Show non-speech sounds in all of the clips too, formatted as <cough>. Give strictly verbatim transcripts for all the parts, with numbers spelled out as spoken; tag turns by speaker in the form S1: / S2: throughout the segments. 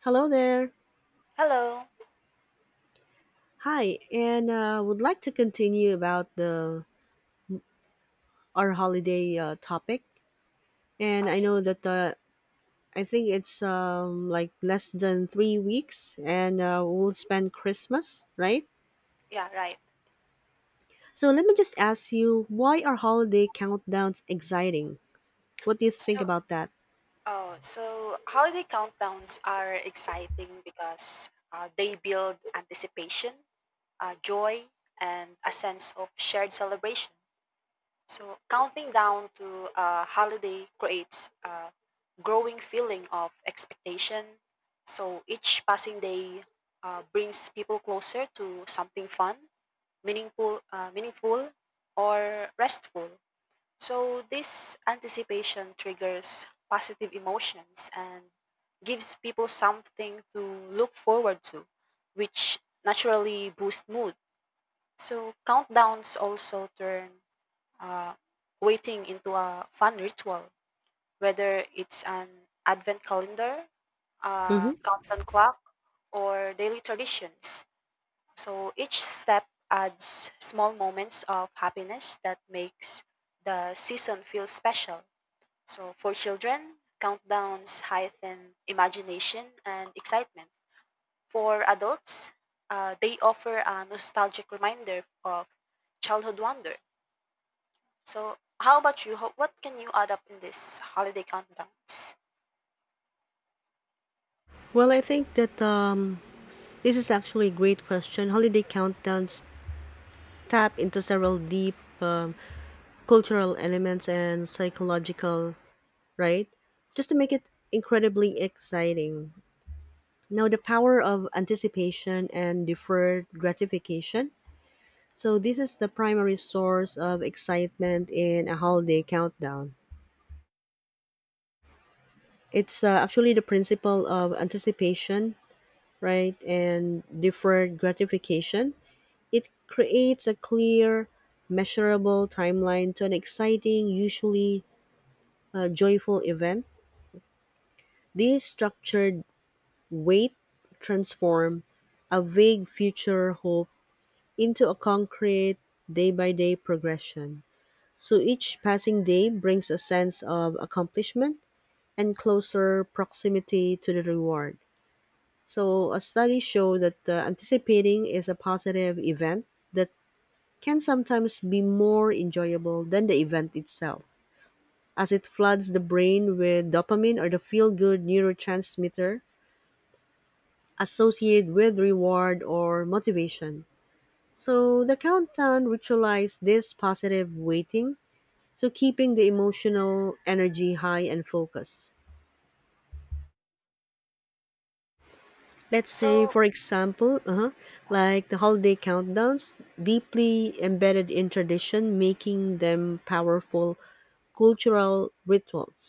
S1: Hello there.
S2: Hello.
S1: Hi, and uh, would like to continue about the our holiday uh, topic. And I
S2: Okay.
S1: know that uh, I think it's um, like less than three weeks, and uh, we'll spend Christmas, right?
S2: Yeah, right.
S1: So let me just ask you, why are holiday countdowns exciting? What do you think
S2: So,
S1: about that?
S2: oh, so holiday countdowns are exciting because uh, they build anticipation, uh, joy, and a sense of shared celebration. So, counting down to a holiday creates a growing feeling of expectation. So, each passing day uh, brings people closer to something fun, meaningful, uh, meaningful, or restful. So, this anticipation triggers positive emotions and gives people something to look forward to, which naturally boosts mood. So, countdowns also turn uh, waiting into a fun ritual, whether it's an advent calendar,
S1: Hmm
S2: a countdown clock, or daily traditions. So, each step adds small moments of happiness that makes the season feel special. So for children, countdowns heighten imagination and excitement. For adults, uh, they offer a nostalgic reminder of childhood wonder. So how about you? Ho- What can you add up in this holiday countdowns?
S1: Well, I think that um, this is actually a great question. Holiday countdowns tap into several deep um, cultural elements and psychological, right? Just to make it incredibly exciting. Now, the power of anticipation and deferred gratification. So this is the primary source of excitement in a holiday countdown. It's uh, actually the principle of anticipation, right, and deferred gratification. It creates a clear, measurable timeline to an exciting, usually uh, joyful event. These structured Wait transform a vague future hope into a concrete day by day progression. So each passing day brings a sense of accomplishment and closer proximity to the reward. So a study showed that uh, anticipating is a positive event that can sometimes be more enjoyable than the event itself, as it floods the brain with dopamine or the feel good neurotransmitter associated with reward or motivation. So the countdown ritualized this positive waiting, so keeping the emotional energy high and focused. Let's
S2: So,
S1: say, for example, uh Like the holiday countdowns, deeply embedded in tradition, making them powerful cultural rituals,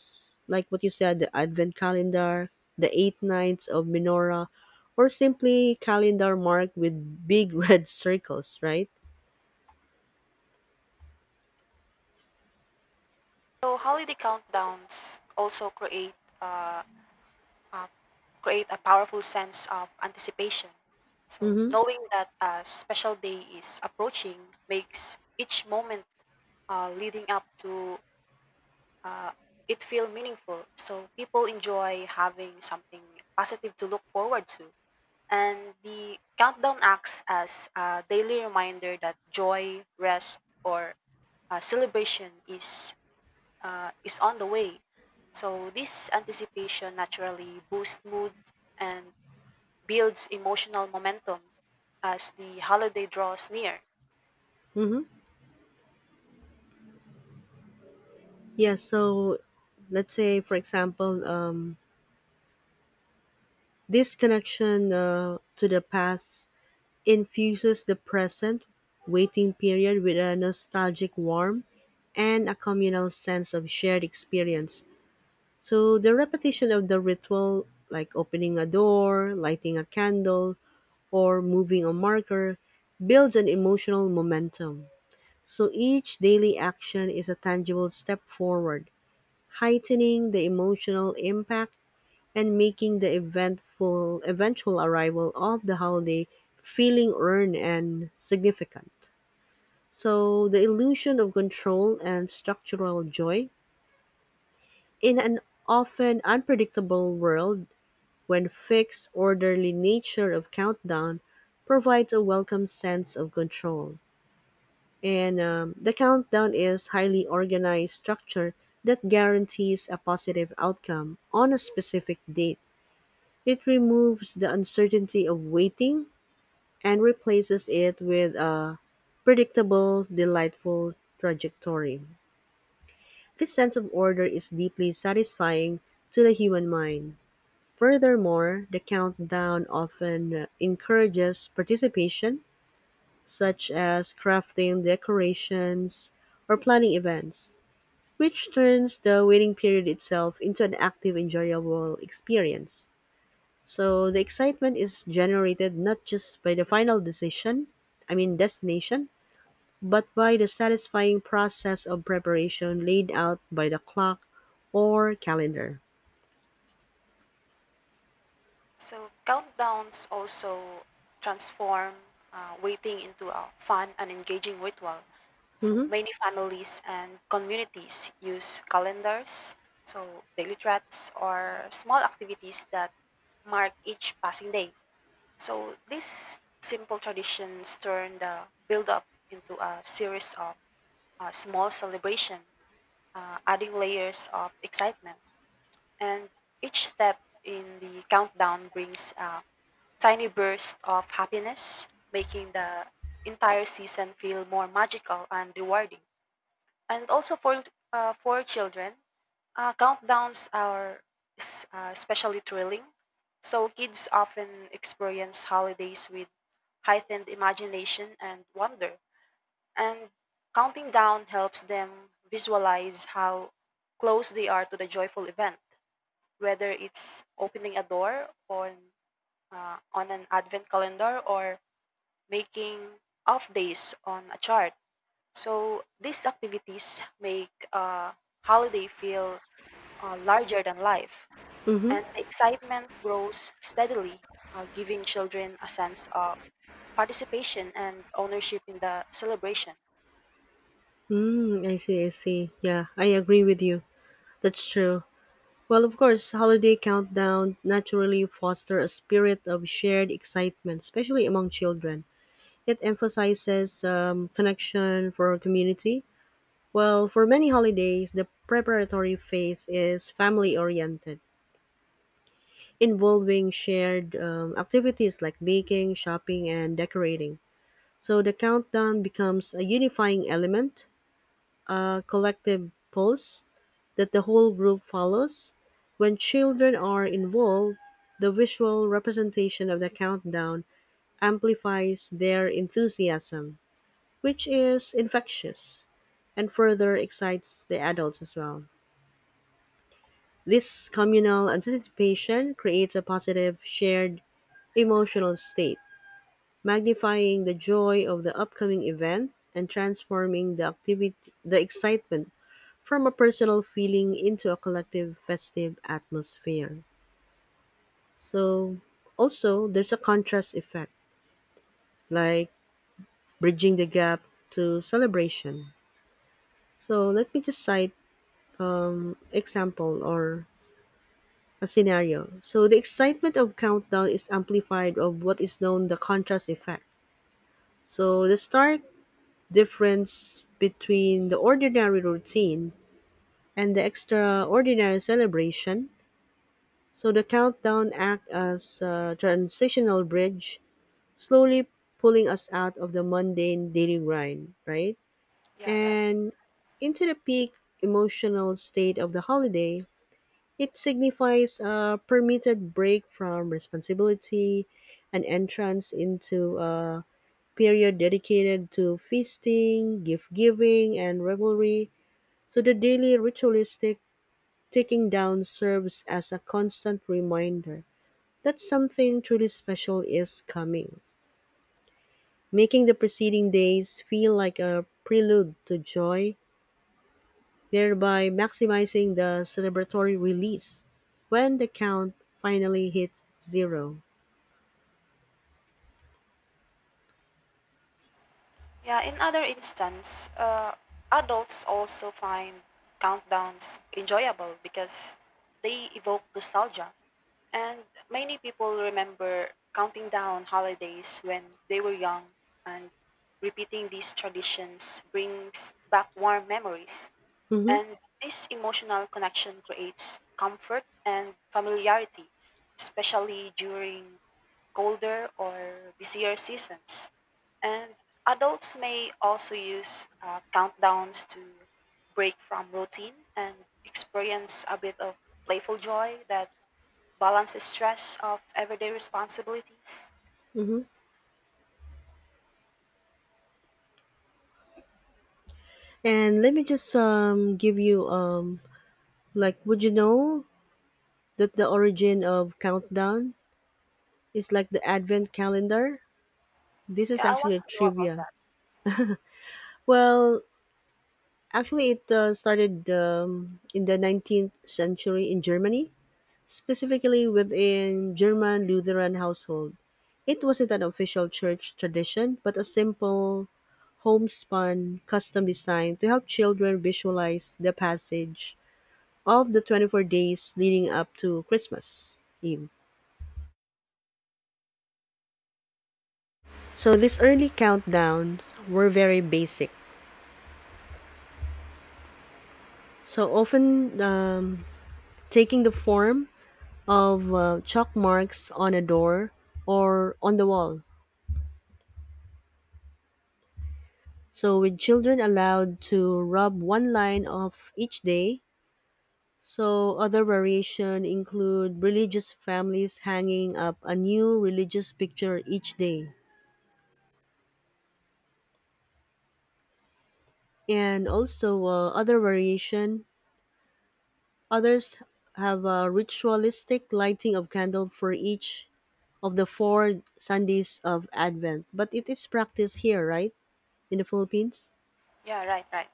S1: like what you said, the Advent calendar, the eight nights of menorah, or simply calendar marked with big <laughs> red circles, right?
S2: so holiday countdowns also create uh, uh, create a powerful sense of anticipation. So
S1: Mm-hmm.
S2: knowing that a special day is approaching makes each moment uh, leading up to uh, it feel meaningful. So people enjoy having something positive to look forward to. And the countdown acts as a daily reminder that joy, rest, or uh, celebration is uh, is on the way. So this anticipation naturally boosts mood and builds emotional momentum as the holiday draws near.
S1: Mm-hmm. Yeah, so let's say, for example, um, this connection uh, to the past infuses the present waiting period with a nostalgic warmth and a communal sense of shared experience. So the repetition of the ritual, like opening a door, lighting a candle, or moving a marker, builds an emotional momentum. So each daily action is a tangible step forward, heightening the emotional impact and making the eventful eventual arrival of the holiday feeling earned and significant. So the illusion of control and structural joy in an often unpredictable world when fixed orderly nature of countdown provides a welcome sense of control. And um, the countdown is highly organized structure that guarantees a positive outcome on a specific date. It removes the uncertainty of waiting and replaces it with a predictable, delightful trajectory. This sense of order is deeply satisfying to the human mind. Furthermore, the countdown often encourages participation, such as crafting decorations or planning events, which turns the waiting period itself into an active, enjoyable experience. So the excitement is generated not just by the final decision, I mean destination, but by the satisfying process of preparation laid out by the clock or calendar.
S2: So countdowns also transform uh, waiting into a fun and engaging ritual. So
S1: Mm-hmm.
S2: many families and communities use calendars, so daily threats or small activities that mark each passing day. So these simple traditions turn the build up into a series of uh, small celebration, uh, adding layers of excitement. And each step in the countdown brings a tiny bursts of happiness, making the entire season feel more magical and rewarding. And also for uh, for children, uh, countdowns are s- uh, especially thrilling. So kids often experience holidays with heightened imagination and wonder. And counting down helps them visualize how close they are to the joyful event, whether it's opening a door on uh, on an advent calendar or making off days on a chart. So these activities make a holiday feel uh, larger than life,
S1: Mm-hmm.
S2: and the excitement grows steadily, uh, giving children a sense of participation and ownership in the celebration.
S1: Mm, I see, I see. Yeah, I agree with you. That's true. Well, of course, holiday countdown naturally foster a spirit of shared excitement, especially among children. It emphasizes um, connection for community. Well, for many holidays, the preparatory phase is family oriented, involving shared um, activities like baking, shopping, and decorating. So the countdown becomes a unifying element, a collective pulse that the whole group follows. When children are involved, the visual representation of the countdown amplifies their enthusiasm, which is infectious and further excites the adults as well. This communal anticipation creates a positive, shared emotional state, magnifying the joy of the upcoming event and transforming the activity, the excitement from a personal feeling into a collective festive atmosphere. So, also there's a contrast effect, like bridging the gap to celebration. So let me just cite um example or a scenario. So the excitement of countdown is amplified of what is known the contrast effect. So the stark difference between the ordinary routine and the extraordinary celebration. So the countdown act as a transitional bridge, slowly pulling us out of the mundane daily grind, right?
S2: Yeah, right.
S1: And into the peak emotional state of the holiday. It signifies a permitted break from responsibility, an entrance into a period dedicated to feasting, gift giving, and revelry. So the daily ritualistic taking down serves as a constant reminder that something truly special is coming, making the preceding days feel like a prelude to joy, thereby maximizing the celebratory release when the count finally hits zero.
S2: Yeah, in other instance, uh, adults also find countdowns enjoyable because they evoke nostalgia. And many people remember counting down holidays when they were young, and repeating these traditions brings back warm memories.
S1: Mm-hmm.
S2: And this emotional connection creates comfort and familiarity, especially during colder or busier seasons. And adults may also use uh, countdowns to break from routine and experience a bit of playful joy that balance stress of everyday responsibilities.
S1: Mm-hmm. And let me just um give you um like, would you know that the origin of countdown is like the advent calendar? This is
S2: Yeah, I want
S1: actually a
S2: to know about
S1: trivia.
S2: that.
S1: Well, actually it uh, started um, in the nineteenth century in Germany, specifically within German Lutheran household. It wasn't an official church tradition, but a simple homespun custom designed to help children visualize the passage of the twenty-four days leading up to Christmas Eve. So these early countdowns were very basic. So often um, taking the form of uh, chalk marks on a door or on the wall. So with children allowed to rub one line of each day. So other variation include religious families hanging up a new religious picture each day. And also uh, other variation others have a ritualistic lighting of candle for each of the four Sundays of Advent. But it is practiced here, right? In the Philippines?
S2: Yeah, right, right.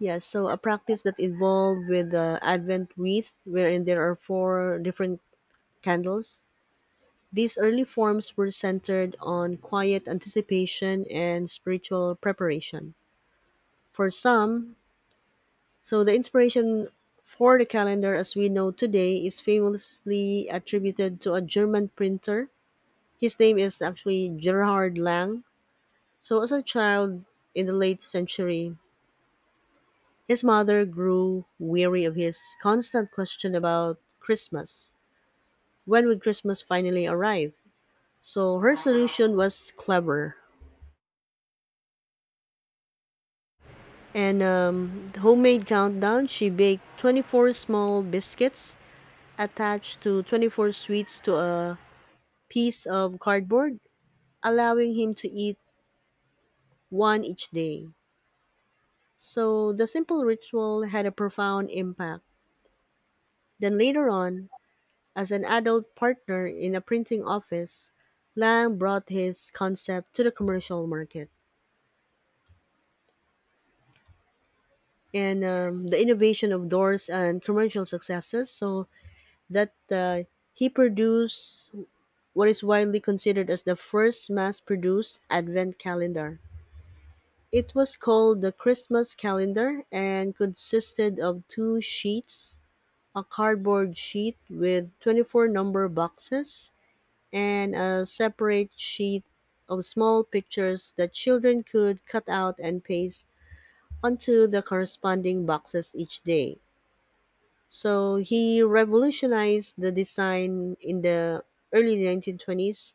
S1: Yes, so a practice that involved with the Advent wreath, wherein there are four different candles. These early forms were centered on quiet anticipation and spiritual preparation. For some, so the inspiration for the calendar as we know today is famously attributed to a German printer. His name is actually Gerhard Lang. So as a child in the late century, his mother grew weary of his constant question about Christmas. When would Christmas finally arrive? So her solution was clever. And um, the homemade countdown, she baked twenty-four small biscuits attached to twenty-four sweets to a piece of cardboard, allowing him to eat one each day. So the simple ritual had a profound impact. Then later on, as an adult partner in a printing office, Lang brought his concept to the commercial market. And um, the innovation of doors and commercial successes, so that uh, he produced what is widely considered as the first mass produced advent calendar. It was called the Christmas calendar and consisted of two sheets, a cardboard sheet with twenty-four number boxes and a separate sheet of small pictures that children could cut out and paste onto the corresponding boxes each day. So he revolutionized the design in the early nineteen twenties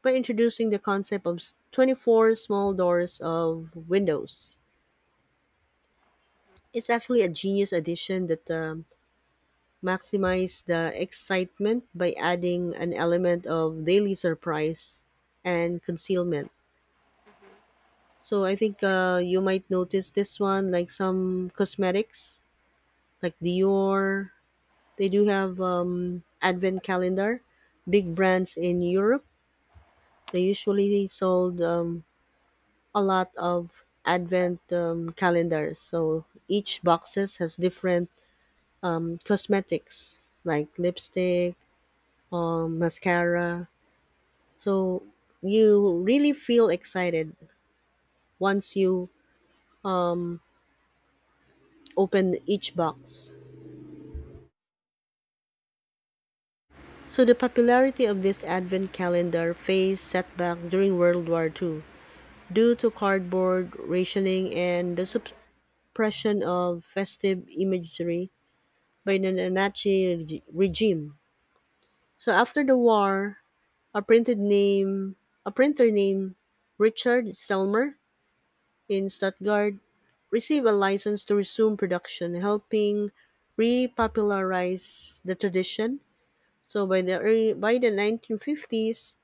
S1: by introducing the concept of twenty-four small doors of windows. It's actually a genius addition that um, maximizes the excitement by adding an element of daily surprise and concealment.
S2: Hmm.
S1: So I think uh, you might notice this one, like some cosmetics, like Dior. They do have um, advent calendar. Big brands in Europe, they usually sold um, a lot of advent um, calendars. So each boxes has different um, cosmetics like lipstick or mascara. So you really feel excited once you um, open each box. So the popularity of this advent calendar faced setback during World War Two due to cardboard rationing and the suppression of festive imagery by the Nazi reg- regime. So after the war, a printed name, a printer named Richard Selmer in Stuttgart received a license to resume production, helping repopularize the tradition. So by the early, by the nineteen fifties,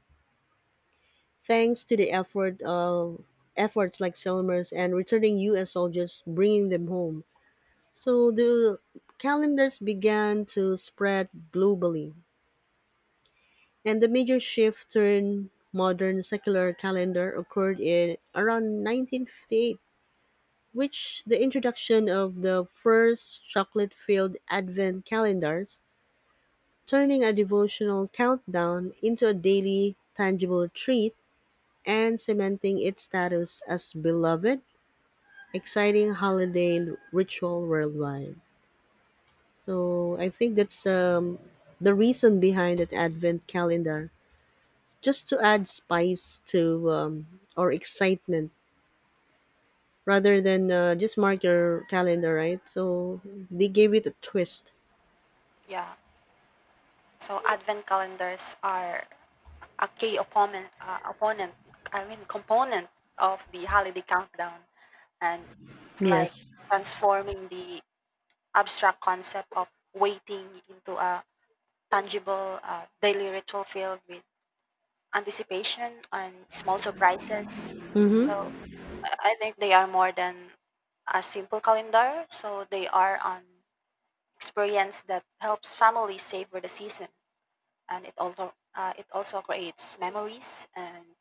S1: thanks to the effort of efforts like Selmers and returning U S soldiers, bringing them home. So the calendars began to spread globally, and the major shift toward modern secular calendar occurred in around nineteen fifty-eight, which the introduction of the first chocolate-filled advent calendars, turning a devotional countdown into a daily tangible treat and cementing its status as beloved, exciting holiday ritual worldwide. So I think that's um, the reason behind that advent calendar, just to add spice to um, or excitement rather than uh, just mark your calendar, right? So they gave it a twist.
S2: Yeah. So advent calendars are a key opponent, uh, opponent. I mean, component of the holiday countdown, and it's like
S1: Yes.
S2: transforming the abstract concept of waiting into a tangible uh, daily ritual filled with anticipation and small surprises. So
S1: Mm-hmm.
S2: I think they are more than a simple calendar, so they are an experience that helps families savor the season, and it also uh, it also creates memories and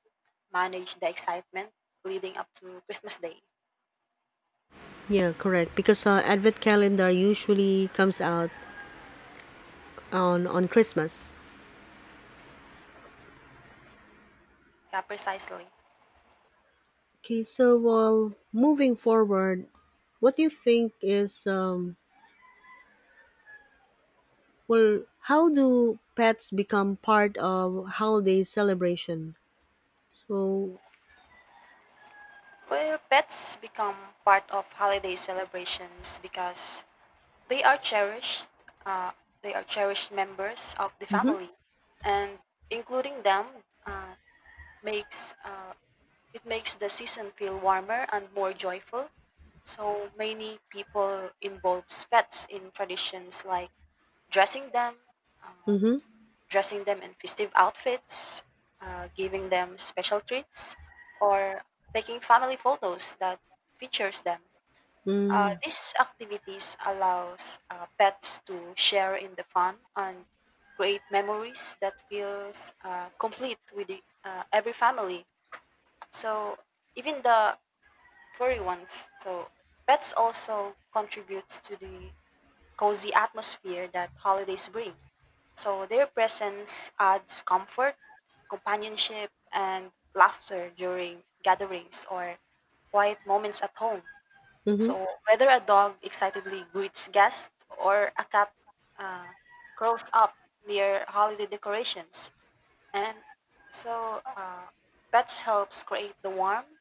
S2: manage the excitement leading up to Christmas Day.
S1: Yeah, correct. Because uh, Advent calendar usually comes out on on Christmas.
S2: Yeah, precisely.
S1: Okay, so well, moving forward, what do you think is um well, how do pets become part of holiday celebration? So,
S2: Well, pets become part of holiday celebrations because they are cherished. Uh, they are cherished members of the
S1: mm-hmm,
S2: family, and including them uh, makes uh, it makes the season feel warmer and more joyful. So many people involve pets in traditions like dressing them, uh,
S1: mm-hmm,
S2: dressing them in festive outfits, uh, giving them special treats, or taking family photos that features them. Uh,
S1: mm,
S2: these activities allows uh, pets to share in the fun and create memories that feels uh, complete with the, uh, every family. So even the furry ones. So pets also contributes to the cozy atmosphere that holidays bring. So their presence adds comfort, companionship, and laughter during gatherings or quiet moments at home.
S1: mm-hmm,
S2: So whether a dog excitedly greets guests or a cat uh, curls up near holiday decorations, and so uh, pets helps create the warm,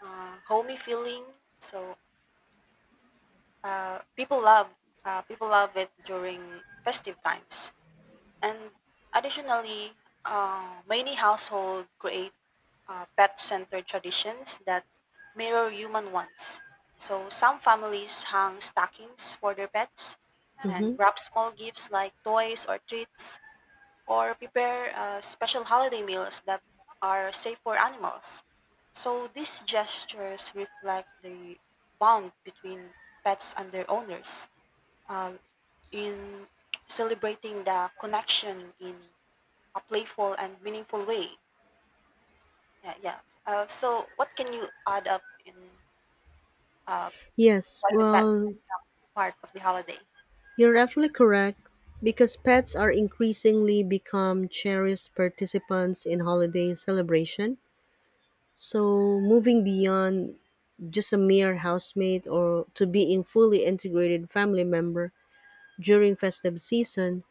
S2: uh, homey feeling. So Uh, people love uh, people love it during festive times. And additionally, uh, many households create uh, pet-centered traditions that mirror human ones. So some families hang stockings for their pets and
S1: mm-hmm.
S2: wrap small gifts like toys or treats, or prepare uh, special holiday meals that are safe for animals. So these gestures reflect the bond between pets and their owners um, in celebrating the connection in a playful and meaningful way. Yeah, yeah. Uh, so, what can you add up in uh,
S1: Yes,
S2: for the pets
S1: well,
S2: part of the holiday?
S1: you're actually correct because pets are increasingly become cherished participants in holiday celebration. So, moving beyond just a mere housemate or to being fully integrated family member during festive season,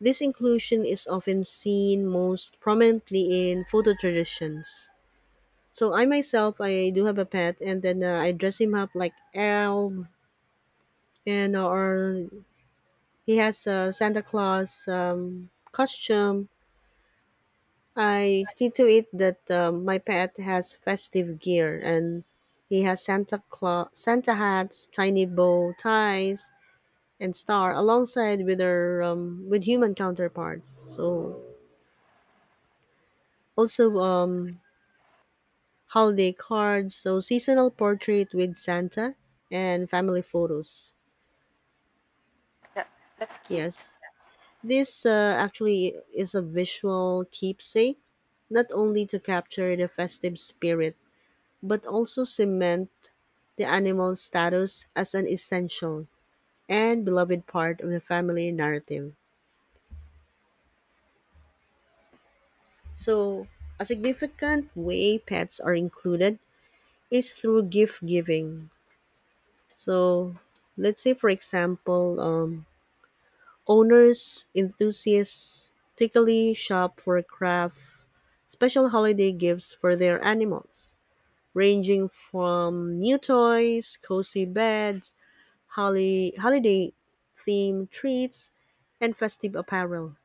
S1: this inclusion is often seen most prominently in photo traditions. So I myself, I do have a pet, and then uh, I dress him up like elf, and or he has a Santa Claus um, costume. I see to it that uh, my pet has festive gear and he has Santa Claus, Santa hats, tiny bow ties, and star alongside with their um, with human counterparts. So also um, holiday cards, so seasonal portrait with Santa and family photos.
S2: That that's cute.
S1: Yes, this uh, actually is a visual keepsake, not only to capture the festive spirit but also cement the animal's status as an essential and beloved part of the family narrative. So a significant way pets are included is through gift giving. So, let's say, for example, um, owners enthusiastically shop for craft special holiday gifts for their animals, ranging from new toys, cozy beds, holi- holiday themed treats, and festive apparel.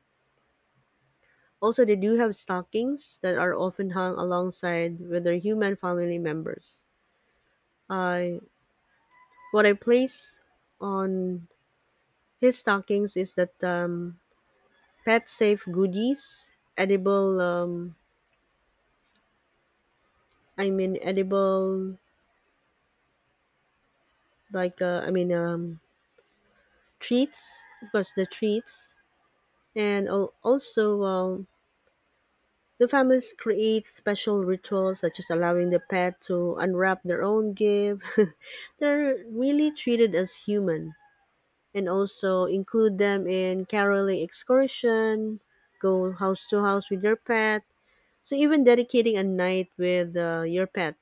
S1: Also, they do have stockings that are often hung alongside with their human family members. I What I place on his stockings is that um, pet safe goodies, edible, um, I mean, edible, like, uh, I mean, um, treats, of course, the treats, and al- also um, the families create special rituals, such as allowing the pet to unwrap their own gift. <laughs> They're really treated as human, and also include them in caroling excursion, go house to house with your pet. So even dedicating a night with uh, your pet,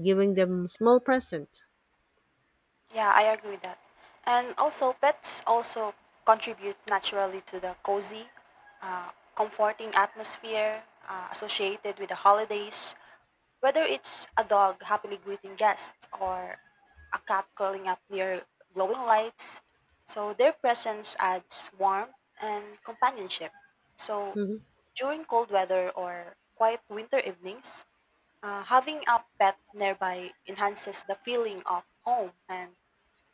S1: giving them small present.
S2: Yeah, I agree with that. And also, pets also contribute naturally to the cozy, uh, comforting atmosphere uh, associated with the holidays. Whether it's a dog happily greeting guests or a cat curling up near glowing lights, so their presence adds warmth and companionship. So
S1: Hmm.
S2: during cold weather or quiet winter evenings, uh, having a pet nearby enhances the feeling of home and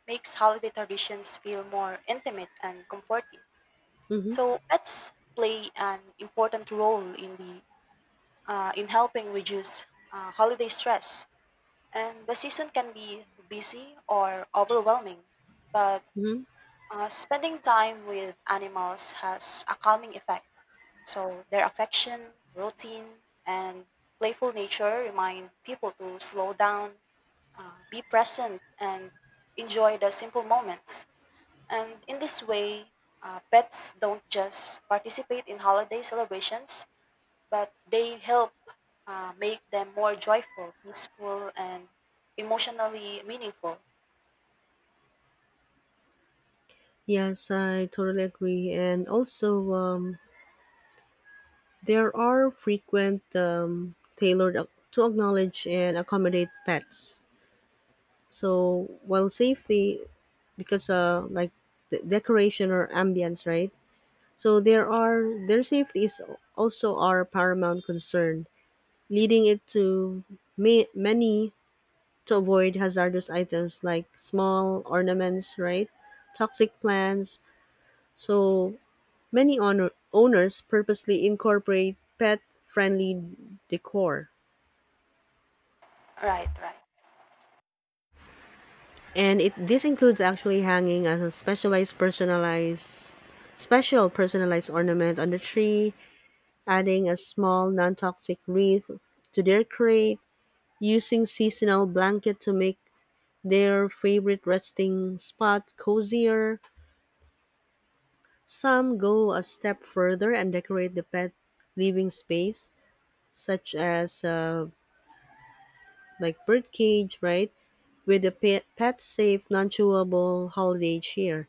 S2: makes holiday traditions feel more intimate and comforting.
S1: Hmm.
S2: So pets play an important role in the uh, in helping reduce uh, holiday stress and the season can be busy or overwhelming, but
S1: Hmm.
S2: uh, spending time with animals has a calming effect. So their affection, routine, and playful nature remind people to slow down, uh, be present, and enjoy the simple moments. And in this way, uh, pets don't just participate in holiday celebrations, but they help uh, make them more joyful, peaceful, and emotionally meaningful.
S1: Yes, I totally agree. And also, um, there are frequent um, tailored ac- to acknowledge and accommodate pets. So while safety, because uh, like the decoration or ambience, right? So there are their safety is also our paramount concern, leading it to ma- many to avoid hazardous items like small ornaments, right? Toxic plants. So many owner- owners purposely incorporate pet-friendly decor.
S2: Right, right.
S1: And it this includes actually hanging as a specialized personalized special personalized ornament on the tree, adding a small non-toxic wreath to their crate, using seasonal blanket to make their favorite resting spot cozier. Some go a step further and decorate the pet living space, such as uh, like birdcage, right, with a pet pet safe, non-chewable holiday cheer,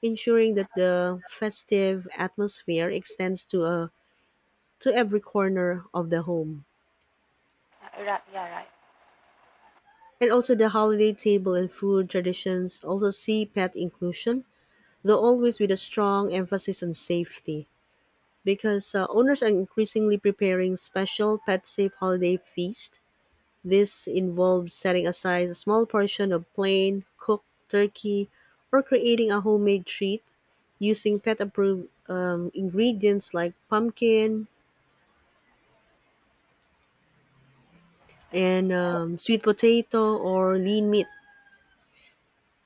S1: ensuring that the festive atmosphere extends to a to every corner of the home.
S2: Uh, right. Yeah, right.
S1: And also the holiday table and food traditions also see pet inclusion, though always with a strong emphasis on safety. Because uh, owners are increasingly preparing special pet safe holiday feast. This involves setting aside a small portion of plain cooked turkey or creating a homemade treat using pet approved um, ingredients like pumpkin, and um, sweet potato or lean meat,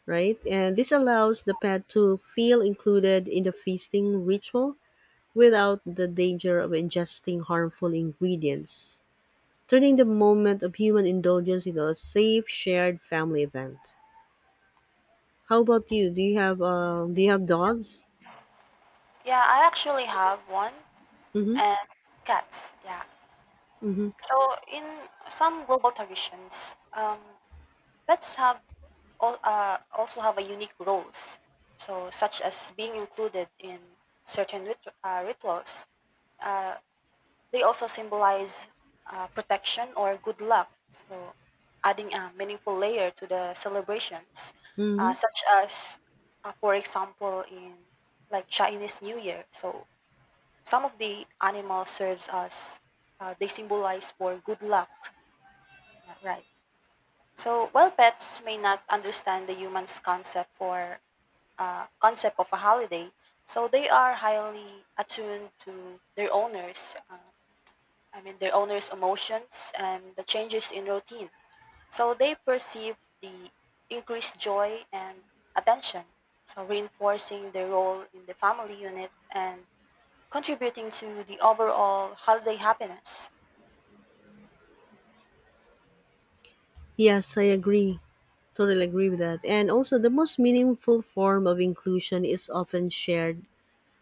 S1: right? And this allows the pet to feel included in the feasting ritual without the danger of ingesting harmful ingredients, turning the moment of human indulgence into a safe shared family event. How about you? Do you have uh, do you have dogs?
S2: Yeah, I actually have one
S1: Mm-hmm.
S2: and cats. Yeah.
S1: Mm-hmm.
S2: So in some global traditions, um, pets have all, uh, also have a unique roles. So such as being included in certain rit- uh, rituals, uh, they also symbolize uh, protection or good luck, so adding a meaningful layer to the celebrations,
S1: Mm-hmm.
S2: uh, such as, uh, for example, in like Chinese New Year. So some of the animals serves as uh, they symbolize for good luck. Yeah, right. So while pets may not understand the human's concept for uh, concept of a holiday, so they are highly attuned to their owners. Uh, I mean, their owners' emotions and the changes in routine. So they perceive the increased joy and attention, so reinforcing their role in the family unit and contributing to the overall holiday happiness.
S1: Yes, I agree. Totally agree with that. And also, the most meaningful form of inclusion is often shared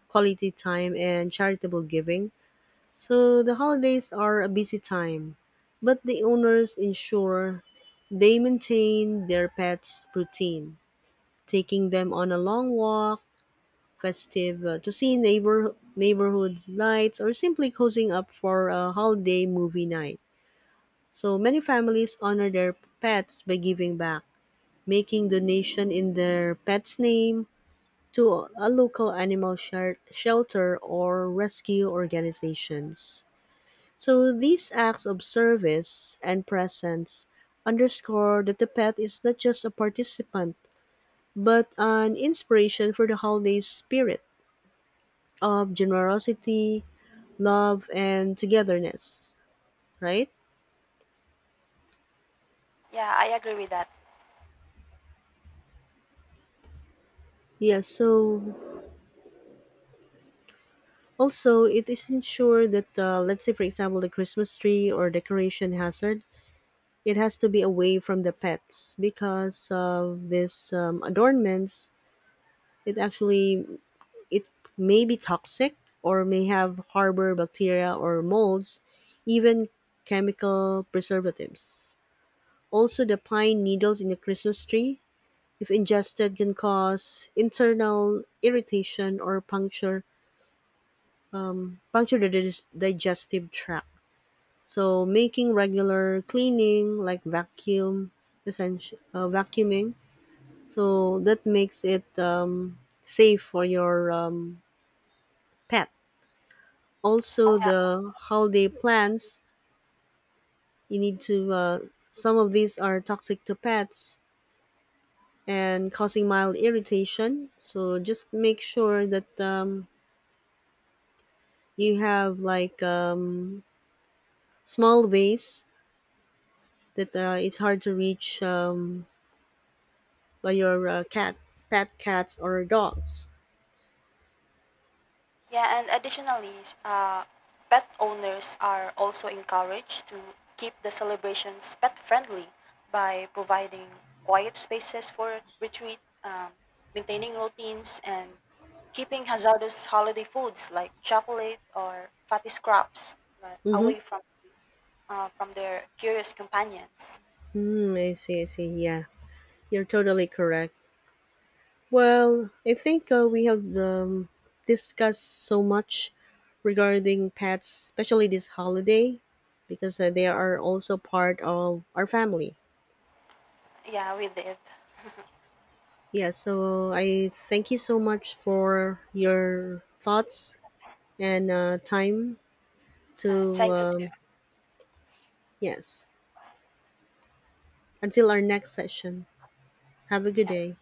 S1: quality time and charitable giving. So the holidays are a busy time, but the owners ensure they maintain their pets' routine, taking them on a long walk, festive uh, to see neighbor neighborhood lights, or simply cozying up for a holiday movie night. So many families honor their pets by giving back, making donation in their pet's name to a local animal sher- shelter or rescue organizations. So these acts of service and presence underscore that the pet is not just a participant, but an inspiration for the holiday spirit of generosity, love, and togetherness, right?
S2: Yeah, I agree with that.
S1: Yes, so also it is ensured that, uh, let's say, for example, the Christmas tree or decoration hazard, it has to be away from the pets because of this um, adornments. It actually It may be toxic or may have harbor bacteria or molds, even chemical preservatives. Also, the pine needles in the Christmas tree, if ingested, can cause internal irritation or puncture puncture the dis- digestive tract. So, making regular cleaning like vacuum, essential uh, vacuuming, so that makes it um, safe for your um, pet. Also
S2: Yeah.
S1: the holiday plans you need to uh, some of these are toxic to pets and causing mild irritation, so just make sure that um, you have like um, small vase that uh, it's hard to reach um, by your uh, cat pet cats or dogs.
S2: Yeah, and additionally, uh, pet owners are also encouraged to keep the celebrations pet friendly by providing quiet spaces for retreat, um, maintaining routines, and keeping hazardous holiday foods like chocolate or fatty scraps like,
S1: Mm-hmm.
S2: away from uh, from their curious companions.
S1: Mm, I see, I see. Yeah, you're totally correct. Well, I think uh, we have um, discussed so much regarding pets, especially this holiday, because uh, they are also part of our family.
S2: Yeah, we did.
S1: Yeah, so I thank you so much for your thoughts and uh, time
S2: And
S1: to,
S2: thank you too.
S1: um, yes, until our next session. Have a good
S2: Yeah.
S1: day.